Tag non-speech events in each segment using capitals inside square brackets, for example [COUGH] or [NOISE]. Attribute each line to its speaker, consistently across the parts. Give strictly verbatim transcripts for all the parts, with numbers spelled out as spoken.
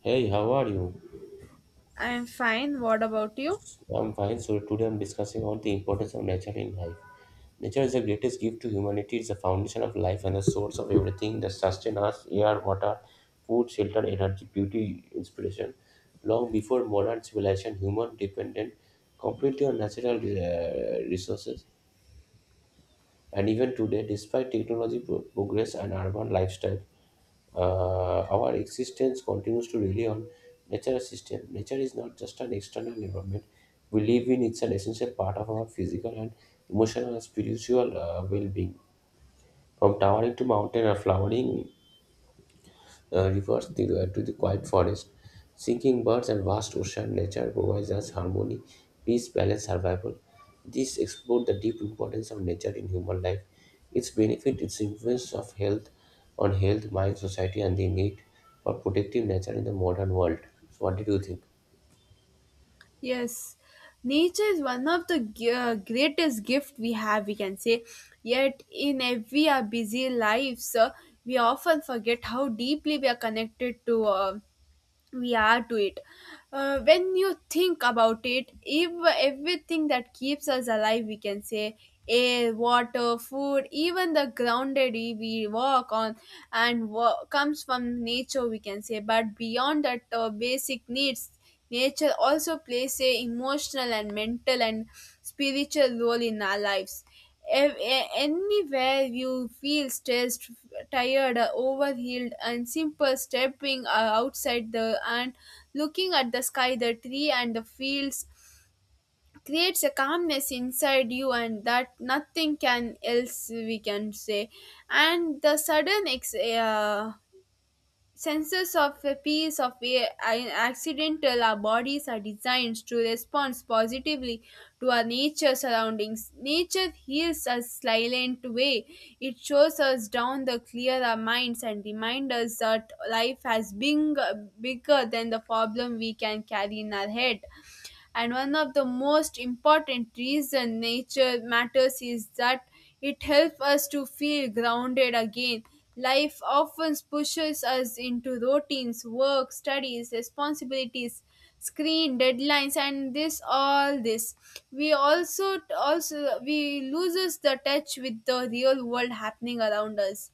Speaker 1: Hey, how are you?
Speaker 2: I am fine. What about you?
Speaker 1: I'm fine. So today I'm discussing on the importance of nature in life. Nature is the greatest gift to humanity. It's the foundation of life and the source of everything that sustains us: air, water, food, shelter, energy, beauty, inspiration. Long before modern civilization, human depended completely on natural uh, resources. And even today, despite technology pro- progress and urban lifestyle, Uh, our existence continues to rely on nature system. Nature is not just an external environment we live in; it's an essential part of our physical and emotional and spiritual uh, well-being. From towering to mountain or flowering uh, rivers the- uh, to the quiet forest. Singing birds and vast ocean nature provides us harmony, peace, balance, survival. This explore the deep importance of nature in human life, its benefit, its influence of health on health, mind, society, and the need for protective nature in the modern world. So, what did you think?
Speaker 2: Yes, nature is one of the g- uh, greatest gift we have, we can say. Yet, in every our busy lives, uh, we often forget how deeply we are connected to uh, we are to it uh, when you think about it, if everything that keeps us alive, we can say, air, water, food, even the ground that we walk on and wa- comes from nature, we can say, but beyond that uh, basic needs, nature also plays a emotional and mental and spiritual role in our lives. Ev- a- anywhere you feel stressed, tired, overhealed, and simple stepping uh, outside the and looking at the sky, the tree, and the fields creates a calmness inside you, and that nothing can else, we can say. And the sudden ex- uh, sensors of a piece of a- an accidental our bodies are designed to respond positively to our nature surroundings. Nature heals us silent way. It shows us down the clear our minds and reminds us that life has been bigger than the problem we can carry in our head. And one of the most important reason nature matters is that it helps us to feel grounded again. Life often pushes us into routines, work, studies, responsibilities, screen deadlines, and this all this we also also we loses the touch with the real world happening around us.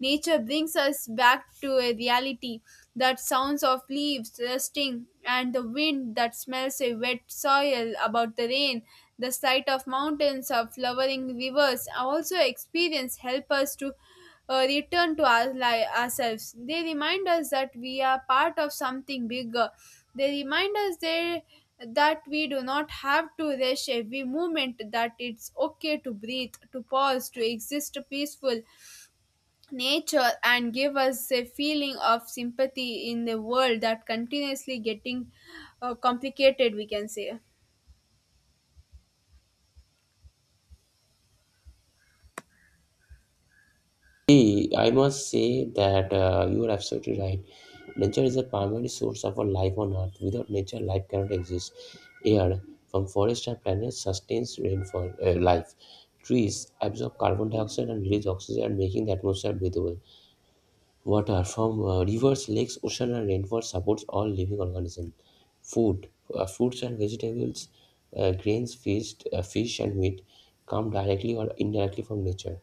Speaker 2: Nature brings us back to a reality. That sounds of leaves rusting and the wind that smells a wet soil about the rain, the sight of mountains or flowering rivers are also experience help us to uh, return to our li- ourselves. They remind us that we are part of something bigger. They remind us there that we do not have to rush every moment, that it's okay to breathe, to pause, to exist peaceful. Nature and give us a feeling of sympathy in the world that continuously getting uh, complicated, we can say.
Speaker 1: See, I must say that uh, you are absolutely right. Nature is the primary source of our life on Earth. Without nature, life cannot exist. Air from forests and planets sustains rainfall uh, life. Trees absorb carbon dioxide and release oxygen, making the atmosphere breathable. Water from uh, rivers, lakes, ocean, and rainforest supports all living organisms. Food, uh, fruits and vegetables, uh, grains, fish, uh, fish and meat come directly or indirectly from nature.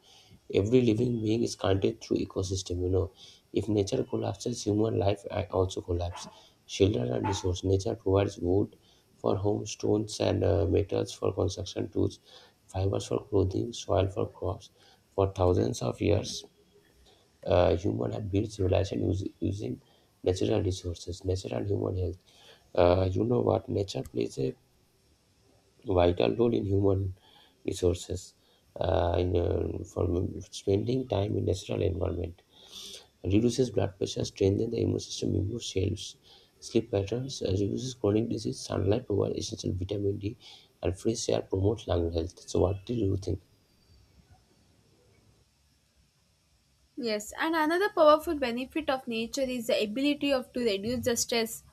Speaker 1: Every living being is connected through ecosystem. You know, if nature collapses, human life uh, also collapse. Shelter and resource. Nature provides wood for homes, stones and uh, metals for construction tools, fibers for clothing, soil for crops. For thousands of years, uh, human have built civilization us- using natural resources, natural human health. Uh, you know what? Nature plays a vital role in human resources. Uh, in uh, For spending time in natural environment reduces blood pressure, strengthens the immune system, improves sales, sleep patterns, uh, reduces chronic disease. Sunlight provides essential vitamin D, and fresh air promotes lung health. So, what do you think?
Speaker 2: Yes, and another powerful benefit of nature is the ability of to reduce the stress.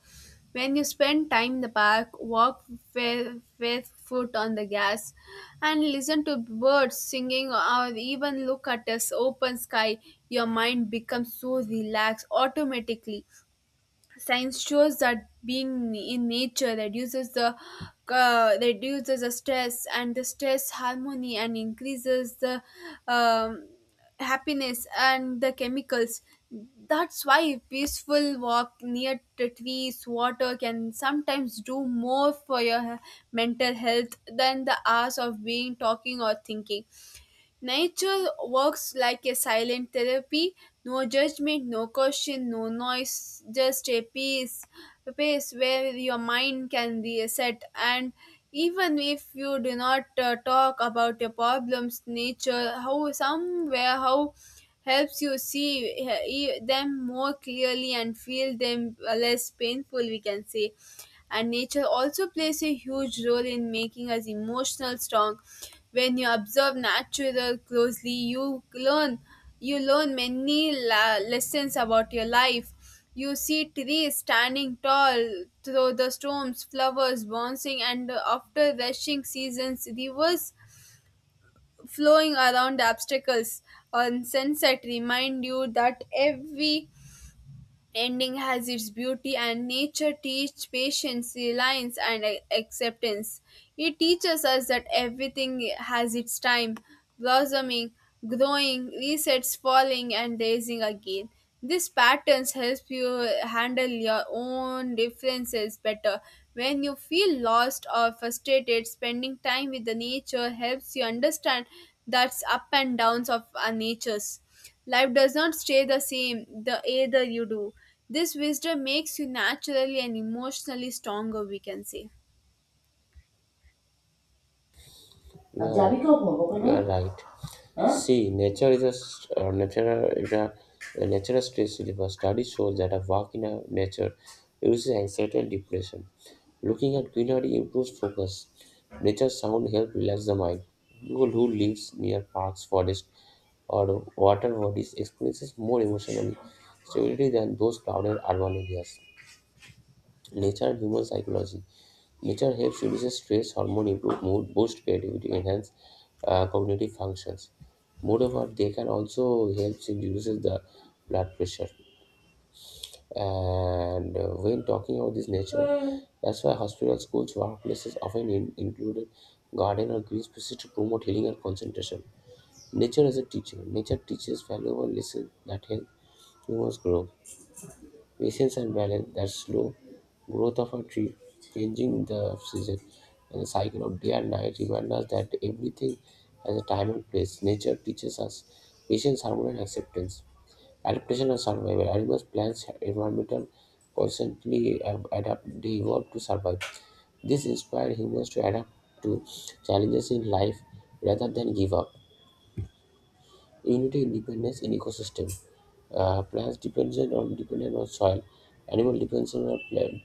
Speaker 2: When you spend time in the park, walk with, with foot on the gas and listen to birds singing or even look at this open sky, your mind becomes so relaxed automatically. Science shows that being in nature reduces the uh, reduces the stress, and the stress harmony, and increases the um, happiness and the chemicals. That's why peaceful walk near the trees, water can sometimes do more for your he- mental health than the hours of being talking or thinking. Nature works like a silent therapy. No judgment, no question, no noise, just a peace, a place where your mind can reset. And even if you do not uh, talk about your problems, nature, how somewhere, how helps you see uh, e- them more clearly and feel them uh, less painful, we can say. And nature also plays a huge role in making us emotional strong. When you observe nature closely, you learn you learn many la- lessons about your life. You see trees standing tall through the storms, flowers bouncing, and after rushing seasons, rivers flowing around obstacles. On sunset, remind you that every ending has its beauty and nature teaches patience, reliance and a- acceptance. It teaches us that everything has its time, blossoming, growing, resets, falling and raising again. These patterns help you handle your own differences better. When you feel lost or frustrated, spending time with the nature helps you understand that's up and downs of our natures. Life does not stay the same the either you do. This wisdom makes you naturally and emotionally stronger, we can say.
Speaker 1: अब right. See, nature is a st- uh, nature is a, a natural stress reliever. Study shows that a walk in a nature reduces anxiety and depression. Looking at greenery improves focus. Nature sound help relax the mind. People who lives near parks, forests, or water bodies experiences more emotional stability than those crowded urban areas. Nature and human psychology. Nature helps reduces stress hormone, improve mood, boost creativity, enhance uh, cognitive functions. Moreover, they can also help in reduces the blood pressure. And uh, when talking about this nature, that's why hospitals, schools, workplaces often in- included garden or green spaces to promote healing and concentration. Nature as a teacher. Nature teaches valuable lessons that help humans grow. Patience and balance, that slow growth of a tree, changing the season and the cycle of day and night remind us that everything has a time and place. Nature teaches us patience, harmony, and acceptance. Adaptation and survival. Animals, plants, environmental constantly ab- adapt, they evolve to survive. This inspired humans to adapt to challenges in life rather than give up. Unity in dependence in ecosystem. Uh, plants dependent on dependent on soil, animal depends on plant,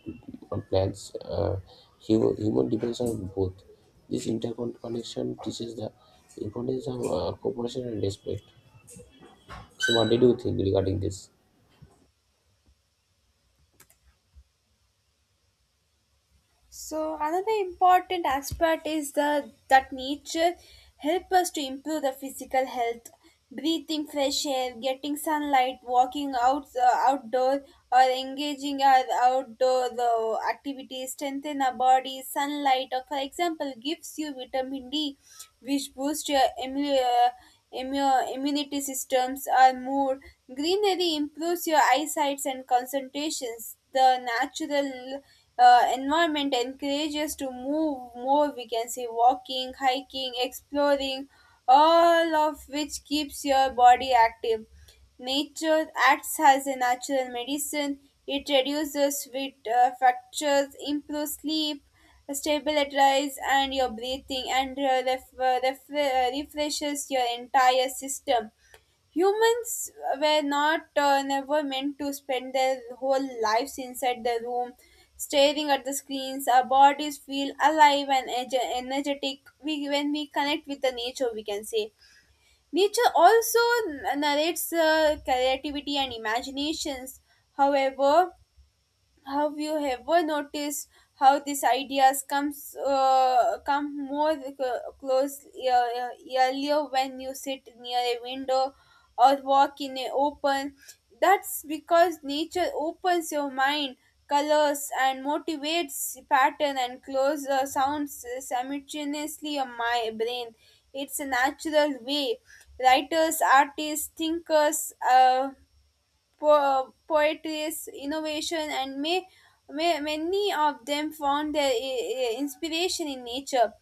Speaker 1: on plants, uh, human, human depends on both. This interconnection teaches the importance of uh, cooperation and respect. So, what did you think regarding this?
Speaker 2: So another important aspect is the that nature help us to improve the physical health. Breathing fresh air, getting sunlight, walking out uh, outdoor, or engaging our outdoor uh, activities strengthen our body. Sunlight, or for example, gives you vitamin D, which boost your immu- uh, immu- immunity systems or mood. Greenery improves your eyesight and concentrations. The natural uh, environment encourages to move more. We can say walking, hiking, exploring, all of which keeps your body active. Nature acts as a natural medicine. It reduces sweat uh, fractures, improves sleep, stabilizes and your breathing and uh, ref- uh, ref- uh, refreshes your entire system. Humans were not uh, never meant to spend their whole lives inside the room staring at the screens. Our bodies feel alive and ege- energetic we, when we connect with the nature, we can say. Nature also n- narrates uh, creativity and imaginations. However, have you ever noticed how these ideas comes uh, come more cl- close uh, uh, earlier when you sit near a window or walk in a open? That's because nature opens your mind, colors and motivates pattern and close uh, sounds simultaneously on my brain. It's a natural way. Writers, artists, thinkers. Uh, po- poetess, innovation, and may, may, many of them found their i- i- inspiration in nature.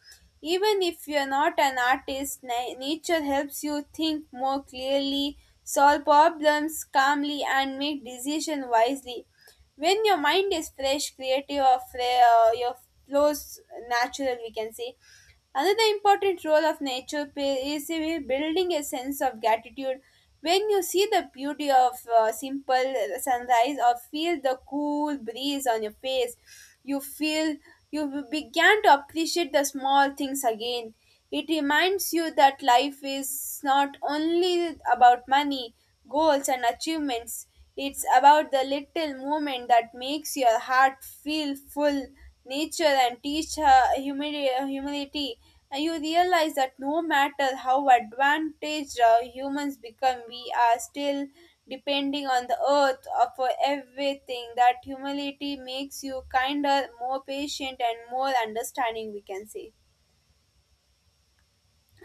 Speaker 2: Even if you're not an artist, na- nature helps you think more clearly, solve problems calmly, and make decisions wisely. When your mind is fresh, creative, or fre- uh, your flows natural, we can say. Another important role of nature play is in building a sense of gratitude. When you see the beauty of uh, simple sunrise or feel the cool breeze on your face, you feel you began to appreciate the small things again. It reminds you that life is not only about money, goals, and achievements, it's about the little moment that makes your heart feel full, nature, and teach her humili- humility. And you realize that no matter how advantaged uh, humans become, we are still depending on the earth uh, for everything. That humility makes you kinder, more patient, and more understanding, we can say.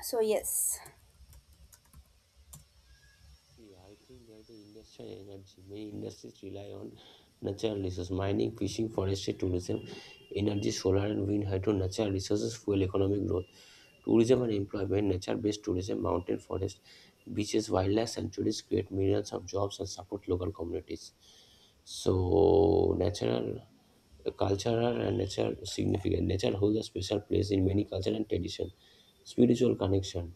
Speaker 2: So, yes.
Speaker 1: See, I think there's a industrial energy. Many industries rely on natural resources, mining, fishing, forestry, tourism, energy, solar and wind, hydro, natural resources, fuel economic growth, tourism and employment, nature-based tourism, mountain, forest, beaches, wildlife sanctuaries create millions of jobs and support local communities. So, natural, cultural and natural significant. Nature holds a special place in many culture and tradition. Spiritual connection.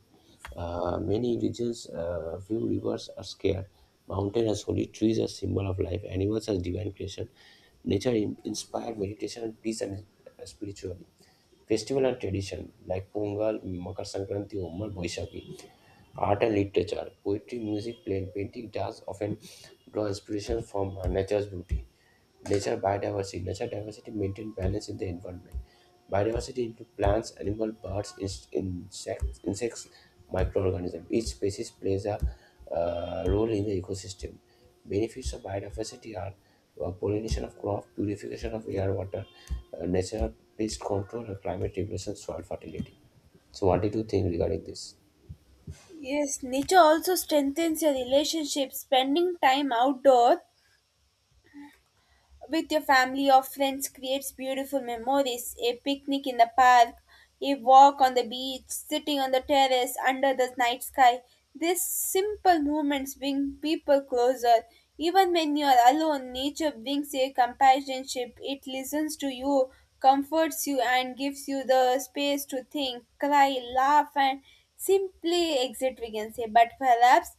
Speaker 1: Uh, many regions, uh, few rivers are scared. Mountain as holy, trees as symbol of life, animals as divine creation. Nature in- inspired meditation and peace and uh, spirituality. Festival and tradition like Pongal, Makar Sankranti, Umar, Boishaki. Art and literature, poetry, music, play, painting, dance often draw inspiration from uh, nature's beauty. Nature biodiversity. Nature diversity maintain balance in the environment. Biodiversity includes plants, animal, birds, ins- insects, insects, microorganisms. Each species plays a uh, role in the ecosystem. Benefits of biodiversity are uh, pollination of crop, purification of air, water, uh, natural pest control, uh, climate regulation, soil fertility. So, what did you think regarding this?
Speaker 2: Yes, nature also strengthens your relationship. Spending time outdoor with your family or friends creates beautiful memories. A picnic in the park, a walk on the beach, sitting on the terrace under the night sky. These simple movements bring people closer. Even when you are alone, nature brings a companionship. It listens to you, comforts you, and gives you the space to think, cry, laugh, and simply exit, we can say. But perhaps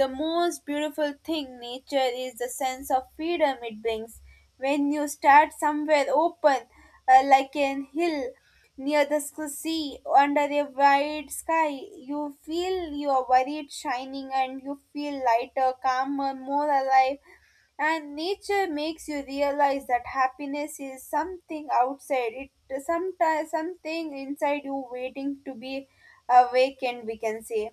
Speaker 2: the most beautiful thing nature is the sense of freedom it brings. When you start somewhere open, uh, like an hill near the sc- sea, under a wide sky, you feel your worried shining and you feel lighter, calmer, more alive. And nature makes you realize that happiness is something outside it, sometimes something inside you waiting to be awakened, we can say.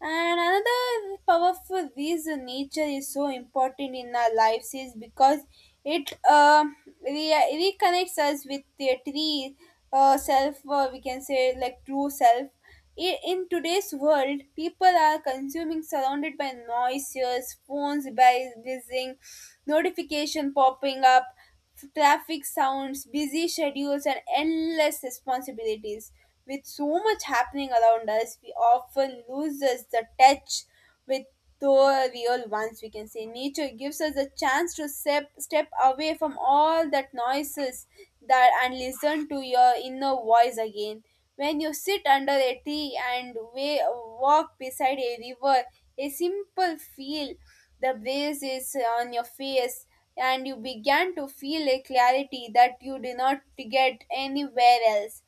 Speaker 2: And another powerful reason nature is so important in our lives is because it uh, re- reconnects us with the tree uh, self, uh, we can say, like true self. I- In today's world, people are consuming surrounded by noises, phones buzzing, notification popping up. F- traffic sounds, busy schedules, and endless responsibilities. With so much happening around us, we often loses the touch with the real ones. We can say nature gives us a chance to step step away from all that noises that and listen to your inner voice again. When you sit under a tree and wa- walk beside a river, a simple feel the breeze is on your face and you began to feel a clarity that you did not get anywhere else.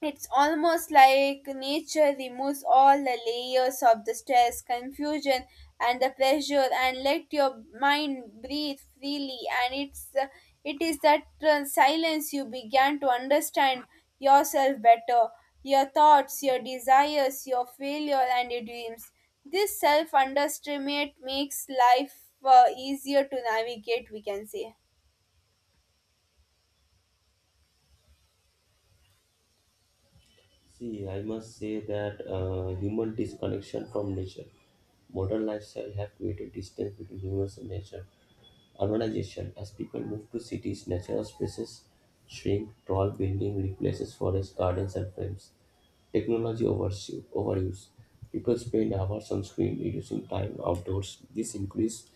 Speaker 2: It's almost like nature removes all the layers of the stress, confusion, and the pressure, and let your mind breathe freely. And it's uh, it is that uh, silence you began to understand yourself better, your thoughts, your desires, your failure, and your dreams. This self-underestimate makes life uh, easier to navigate. We can say.
Speaker 1: See, I must say that uh, human disconnection from nature. Modern lifestyle have created distance between humans and nature. Urbanization, as people move to cities, natural spaces shrink, tall building replaces forests, gardens, and frames. Technology overuse. Overuse. People spend hours on screen, reducing time outdoors. This increase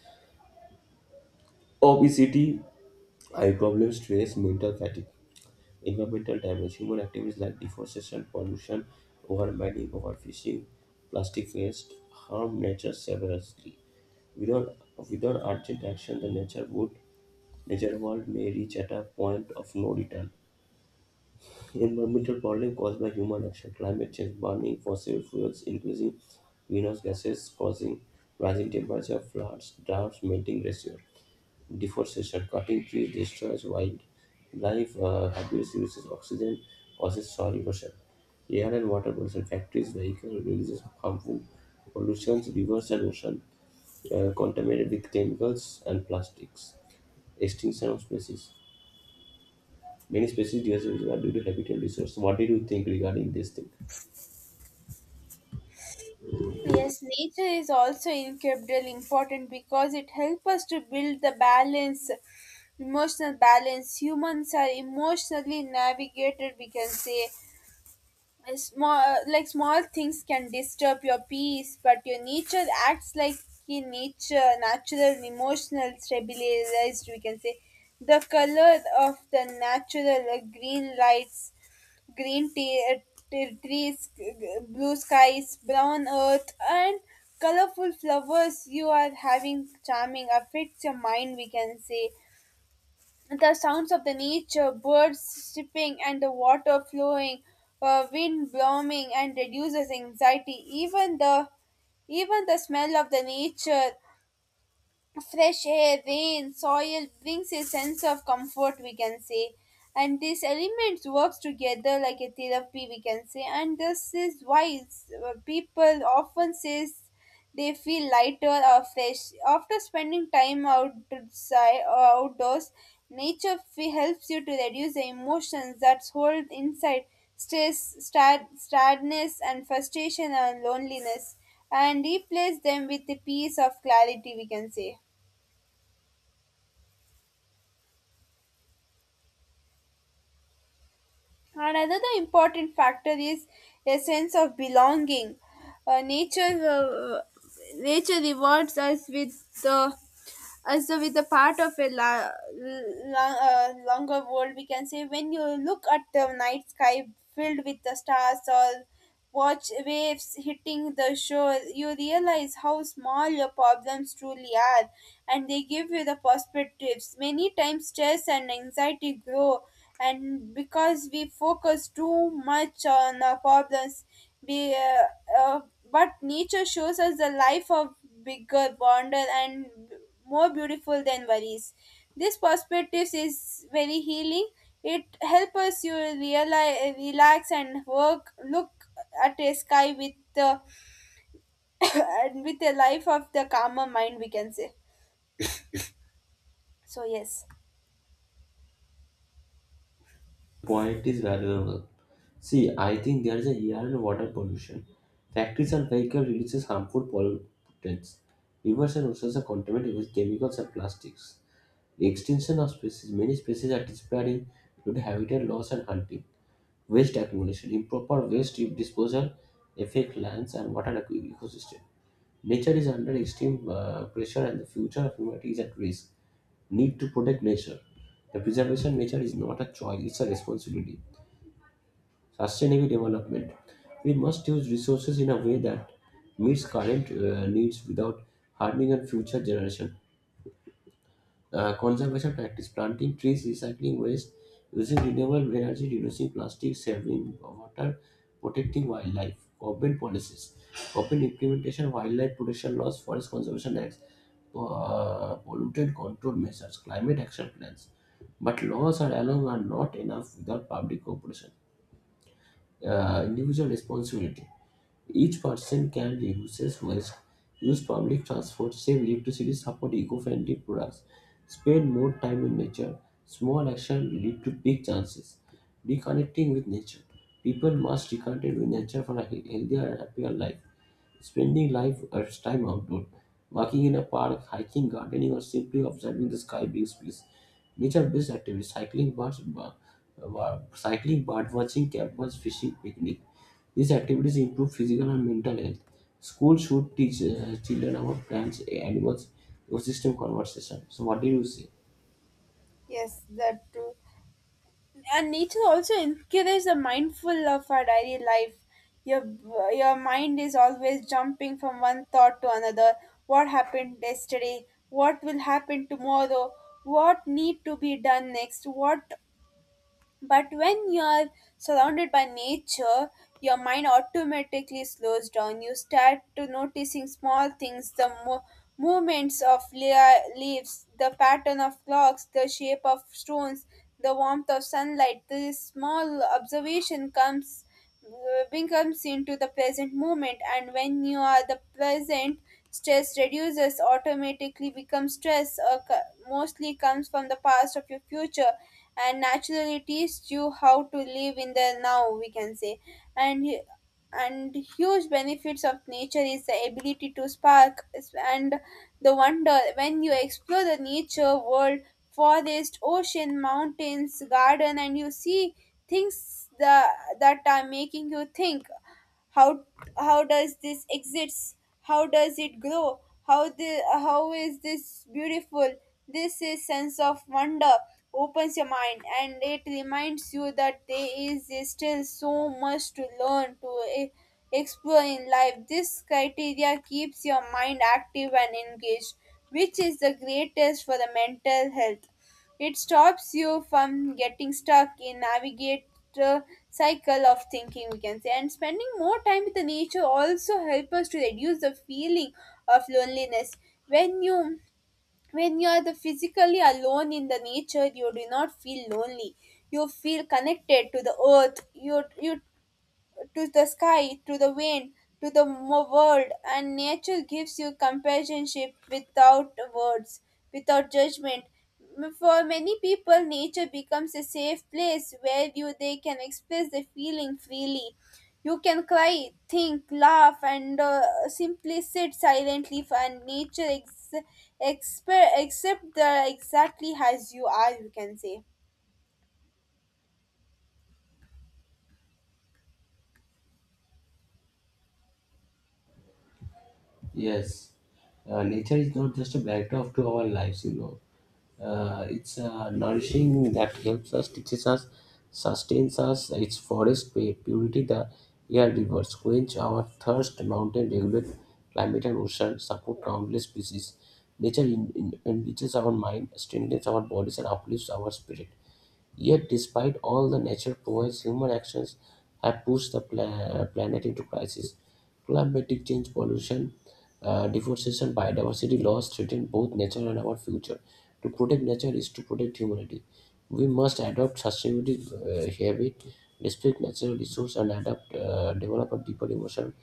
Speaker 1: obesity, eye problems, stress, mental fatigue. Environmental damage. Human activities like deforestation, pollution, overmining, overfishing, plastic waste harm nature severely. Without, without urgent action, the nature would nature world may reach at a point of no return. Environmental problem caused by human action, climate change, burning fossil fuels, increasing greenhouse gases, causing rising temperature, floods, droughts, melting glaciers deforestation, cutting trees destroys wildlife, uh, abuse uses oxygen, causes soil erosion. Air and water pollution, factories, vehicles releases harmful pollutions, rivers and ocean uh, contaminated with chemicals and plastics. Extinction of species. Many species disappear due to habitat resource. What do you think regarding this thing?
Speaker 2: Yes, nature is also incredibly important because it helps us to build the balance, emotional balance. Humans are emotionally navigated, we can say. A Small, like Small things can disturb your peace, but your nature acts like a nature, natural, emotional, stabilized, we can say. The color of the natural uh, green lights, green tea, t- trees, g- g- blue skies, brown earth, and colorful flowers. You are having charming affects your mind, we can say. The sounds of the nature, birds chirping, and the water flowing, uh, wind blowing, and reduces anxiety. Even the even the smell of the nature, fresh air, rain, soil brings a sense of comfort, we can say. And these elements works together like a therapy, we can say. And this is why it's- uh, people often says they feel lighter or fresh after spending time outside or outdoors. Nature fe- helps you to reduce the emotions that hold inside: stress, sad, sadness and frustration and loneliness, and replace them with the peace of clarity, we can say. And another important factor is a sense of belonging. Uh, nature, uh, Nature rewards us with the as though with a part of a la- la- uh, longer world. We can say when you look at the night sky filled with the stars or watch waves hitting the shore, you realize how small your problems truly are, and they give you the perspectives. Many times, stress and anxiety grow, and because we focus too much on our problems, we, uh, uh, but nature shows us the life of bigger wonder and more beautiful than worries. This perspective is very healing. It helps us you realize, relax and work. Look at a sky with the [LAUGHS] and with a life of the calmer mind we can say so yes
Speaker 1: Point is valuable. See, I think there is a air and water pollution. Factories and vehicles releases harmful pollutants. Rivers and oceans are contaminated with chemicals and plastics. The extinction of species, many species are disappearing due to habitat loss and hunting. Waste accumulation, improper waste disposal affect lands and water eco- ecosystem. Nature is under extreme uh, pressure and the future of humanity is at risk. Need to protect nature. The preservation of nature is not a choice, it's a responsibility. Sustainable development. We must use resources in a way that meets current uh, needs without harming our future generation. Uh, conservation practice, planting trees, recycling waste, using renewable energy, reducing plastic, saving water, protecting wildlife. Government policies, government implementation, wildlife protection laws, forest conservation acts, uh, pollutant control measures, climate action plans. But laws are alone are not enough without public cooperation. Uh, individual responsibility. Each person can reduce waste, use public transport, save electricity, support eco-friendly products, spend more time in nature. Small actions lead to big chances. Reconnecting with nature. People must reconnect with nature for a he- healthier and happier life. Spending life or time outdoors, walking in a park, hiking, gardening, or simply observing the sky brings peace. Nature-based activities, cycling, birds, cycling, bird watching, campers, fishing, picnic. These activities improve physical and mental health. Schools should teach uh, children about plants, animals, ecosystem conversation. So, what do you say?
Speaker 2: yes that too, and nature also encourages the mindful of our daily life. Your your mind is always jumping from one thought to another, what happened yesterday, what will happen tomorrow, what need to be done next, what. But when you're surrounded by nature, your mind automatically slows down. You start to noticing small things, the mo- movements of lea- leaves, the pattern of clogs, the shape of stones, the warmth of sunlight. This small observation comes uh, becomes into the present moment, and when you are the present, stress reduces automatically becomes stress uh, co- mostly comes from the past of your future, and naturally teaches you how to live in the now we can say. And and huge benefits of nature is the ability to spark, and the wonder when you explore the nature world, forest, ocean, mountains, garden, and you see things that, that are making you think, how how does this exist? How does it grow? How the how is this beautiful? This is sense of wonder, opens your mind, and it reminds you that there is still so much to learn to e- explore in life. This criteria keeps your mind active and engaged, which is the greatest for the mental health. It stops you from getting stuck in navigate, uh, cycle of thinking we can say, and spending more time with the nature also help us to reduce the feeling of loneliness. when you when you are the physically alone in the nature, you do not feel lonely, you feel connected to the earth, you you to the sky, to the wind, to the mo- world, and nature gives you companionship without words, without judgment. M- For many people, nature becomes a safe place where you they can express their feeling freely. You can cry, think, laugh, and uh, simply sit silently. For and nature, ex- expe- accept the exactly as you are. You can say.
Speaker 1: Yes, uh, nature is not just a backdrop to our lives, you know. Uh, it's uh, nourishing that helps us, teaches us, sustains us. Its forest pu- purity, the air rivers quench our thirst, mountain regulate climate and ocean support countless species. Nature in, in, enriches our mind, strengthens our bodies, and uplifts our spirit. Yet, despite all the nature provides, human actions have pushed the pla- planet into crisis. Climatic change, pollution, uh, deforestation, biodiversity loss threaten both nature and our future. To protect nature is to protect humanity. We must adopt sustainability uh, habit, respect natural resource, and adapt, uh, develop a deeper emotional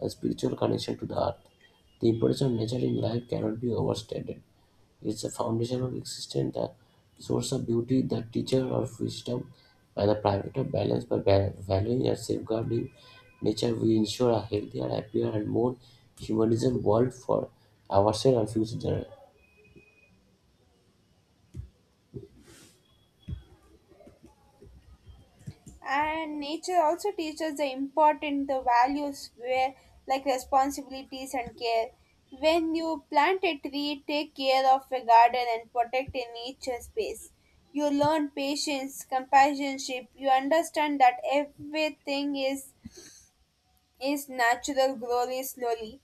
Speaker 1: and spiritual connection to the earth. The importance of nature in life cannot be overstated is the foundation of existence, the source of beauty, the teacher of wisdom, and the private of balance. By ba- valuing and safeguarding nature, we ensure a healthier, happier, and more humanism world for ourselves and future generations.
Speaker 2: And nature also teaches the important the values where like responsibilities and care. When you plant a tree, take care of a garden, and protect a nature space, you learn patience, companionship. You understand that everything is its natural glory slowly,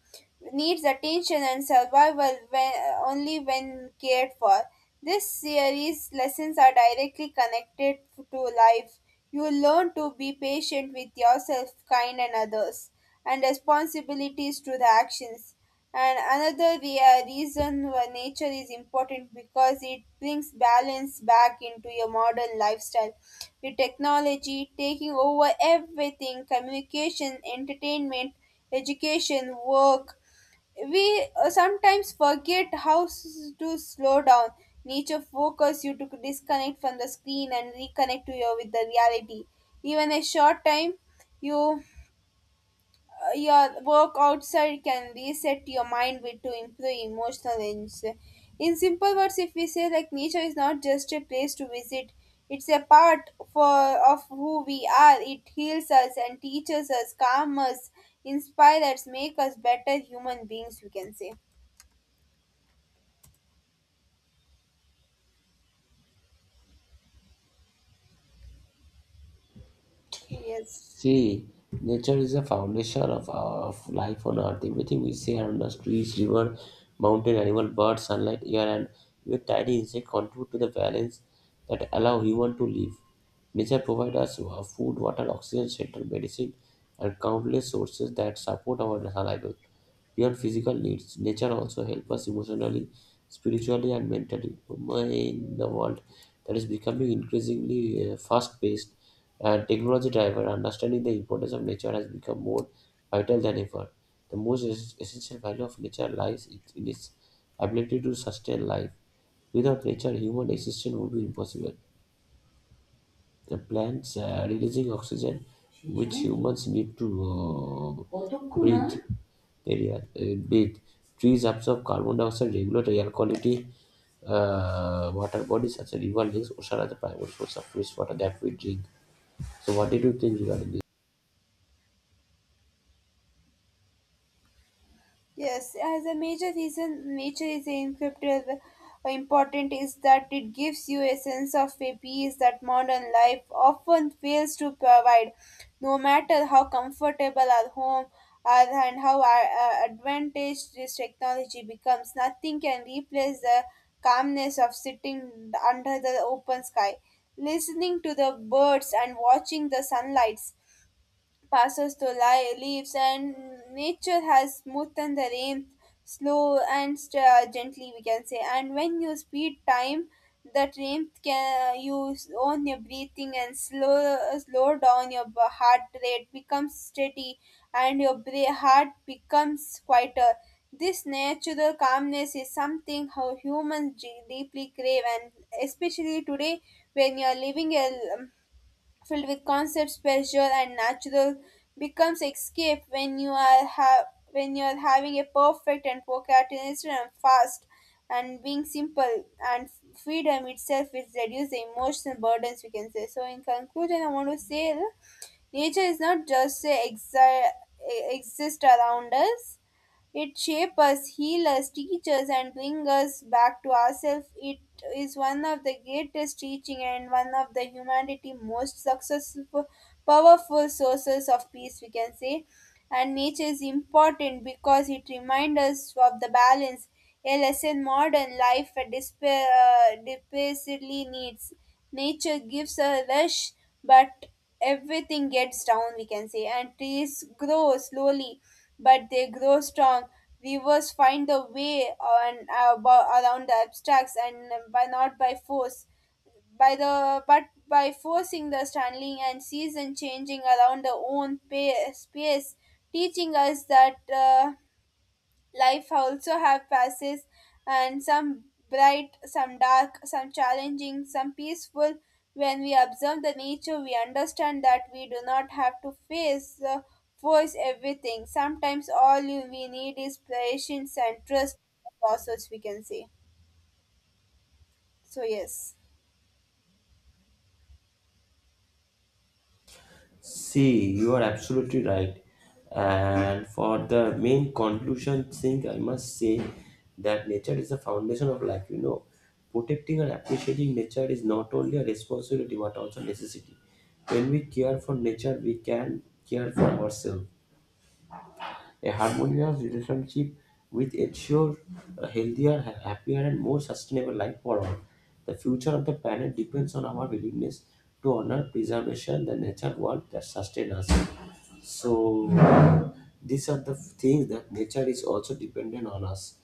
Speaker 2: needs attention and survival when, only when cared for. This series' lessons are directly connected to life. You learn to be patient with yourself, kind, and others, and responsibilities to the actions. And another rea- reason why nature is important because it brings balance back into your modern lifestyle. With technology taking over everything, communication, entertainment, education, work, we uh, sometimes forget how s- to slow down. Nature forces you to disconnect from the screen and reconnect to your with the reality, even a short time. you uh, your work outside can reset your mind with to improve emotional range. In simple words, if we say like, nature is not just a place to visit, it's a part for of who we are. It heals us and teaches us, calms us, inspires us, make us better human beings. We can say. So yes.
Speaker 1: See, nature is the foundation of, of life on earth. Everything we see around us trees, river, mountain, animal, bird, sunlight, air, and even tiny insect contribute to the balance that allow human to live. Nature provides us wa- food, water, oxygen, shelter, medicine, and countless sources that support our survival. Beyond physical needs, nature also helps us emotionally, spiritually, and mentally. In the world that is becoming increasingly fast paced and technology driven, understanding the importance of nature has become more vital than ever. The most es- essential value of nature lies it- in its ability to sustain life. Without nature, human existence would be impossible. The plants uh, releasing oxygen, which humans need to uh, breathe, area uh, breathe. Trees absorb carbon dioxide, regulate air quality. Uh, water bodies such as river, lakes, ocean are the primary source of fresh water that we drink. So, what did you think regarding this?
Speaker 2: Yes, as a major reason nature is encrypted, uh, important is that it gives you a sense of a peace that modern life often fails to provide. No matter how comfortable our home are, and how uh, uh, advantaged this technology becomes, nothing can replace the calmness of sitting under the open sky, listening to the birds, and watching the sunlight passes to lie, leaves, and nature has smoothened the rain slow and st- uh, gently, we can say. And when you speed time, that rain can uh, you own your breathing, and slow uh, slow down your b- heart rate becomes steady, and your bra- heart becomes quieter. This natural calmness is something how humans de- deeply crave, and especially today, when you are living a filled with concepts, pleasure, and natural, becomes escape when you are ha- when you are having a perfect and procrastinated and fast and being simple and freedom itself is reduce the emotional burdens, we can say. So in conclusion, I want to say, nature is not just a exi- exist around us. It shapes us, heals us, teaches, us, and brings us back to ourselves. It is one of the greatest teaching and one of the humanity most successful, powerful sources of peace, we can say. And nature is important because it reminds us of the balance, a lesson modern life despair, uh, desperately needs. Nature gives a rush, but everything gets down, we can say, and trees grow slowly, but they grow strong. Rivers find a way on, uh, abo- around the obstacles, and by not by force by the but by forcing the standing, and season changing around the own pa- space, teaching us that uh, life also have passes, and some bright, some dark, some challenging, some peaceful. When we observe the nature, we understand that we do not have to face uh, force everything. Sometimes all you, we need is patience and trust in the process, we can say. So yes.
Speaker 1: See, you are absolutely right. And for the main conclusion thing, I must say that nature is the foundation of life. You know, protecting and appreciating nature is not only a responsibility but also necessity. When we care for nature, we can care for ourselves. A harmonious relationship which ensures a healthier, ha- happier, and more sustainable life for all. The future of the planet depends on our willingness to honor preservation, the nature world that sustain us. So these are the things that nature is also dependent on us,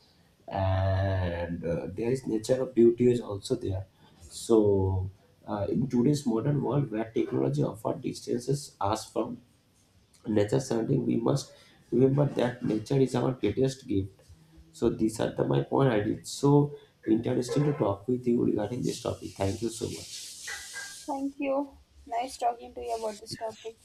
Speaker 1: and uh, there is nature of beauty is also there. So uh, in today's modern world, where technology offers distances us from nature surrounding we must remember that nature is our greatest gift. So these are the my point I did. So interesting to talk with you regarding this topic. Thank you so much.
Speaker 2: Thank you. Nice talking to you about this topic.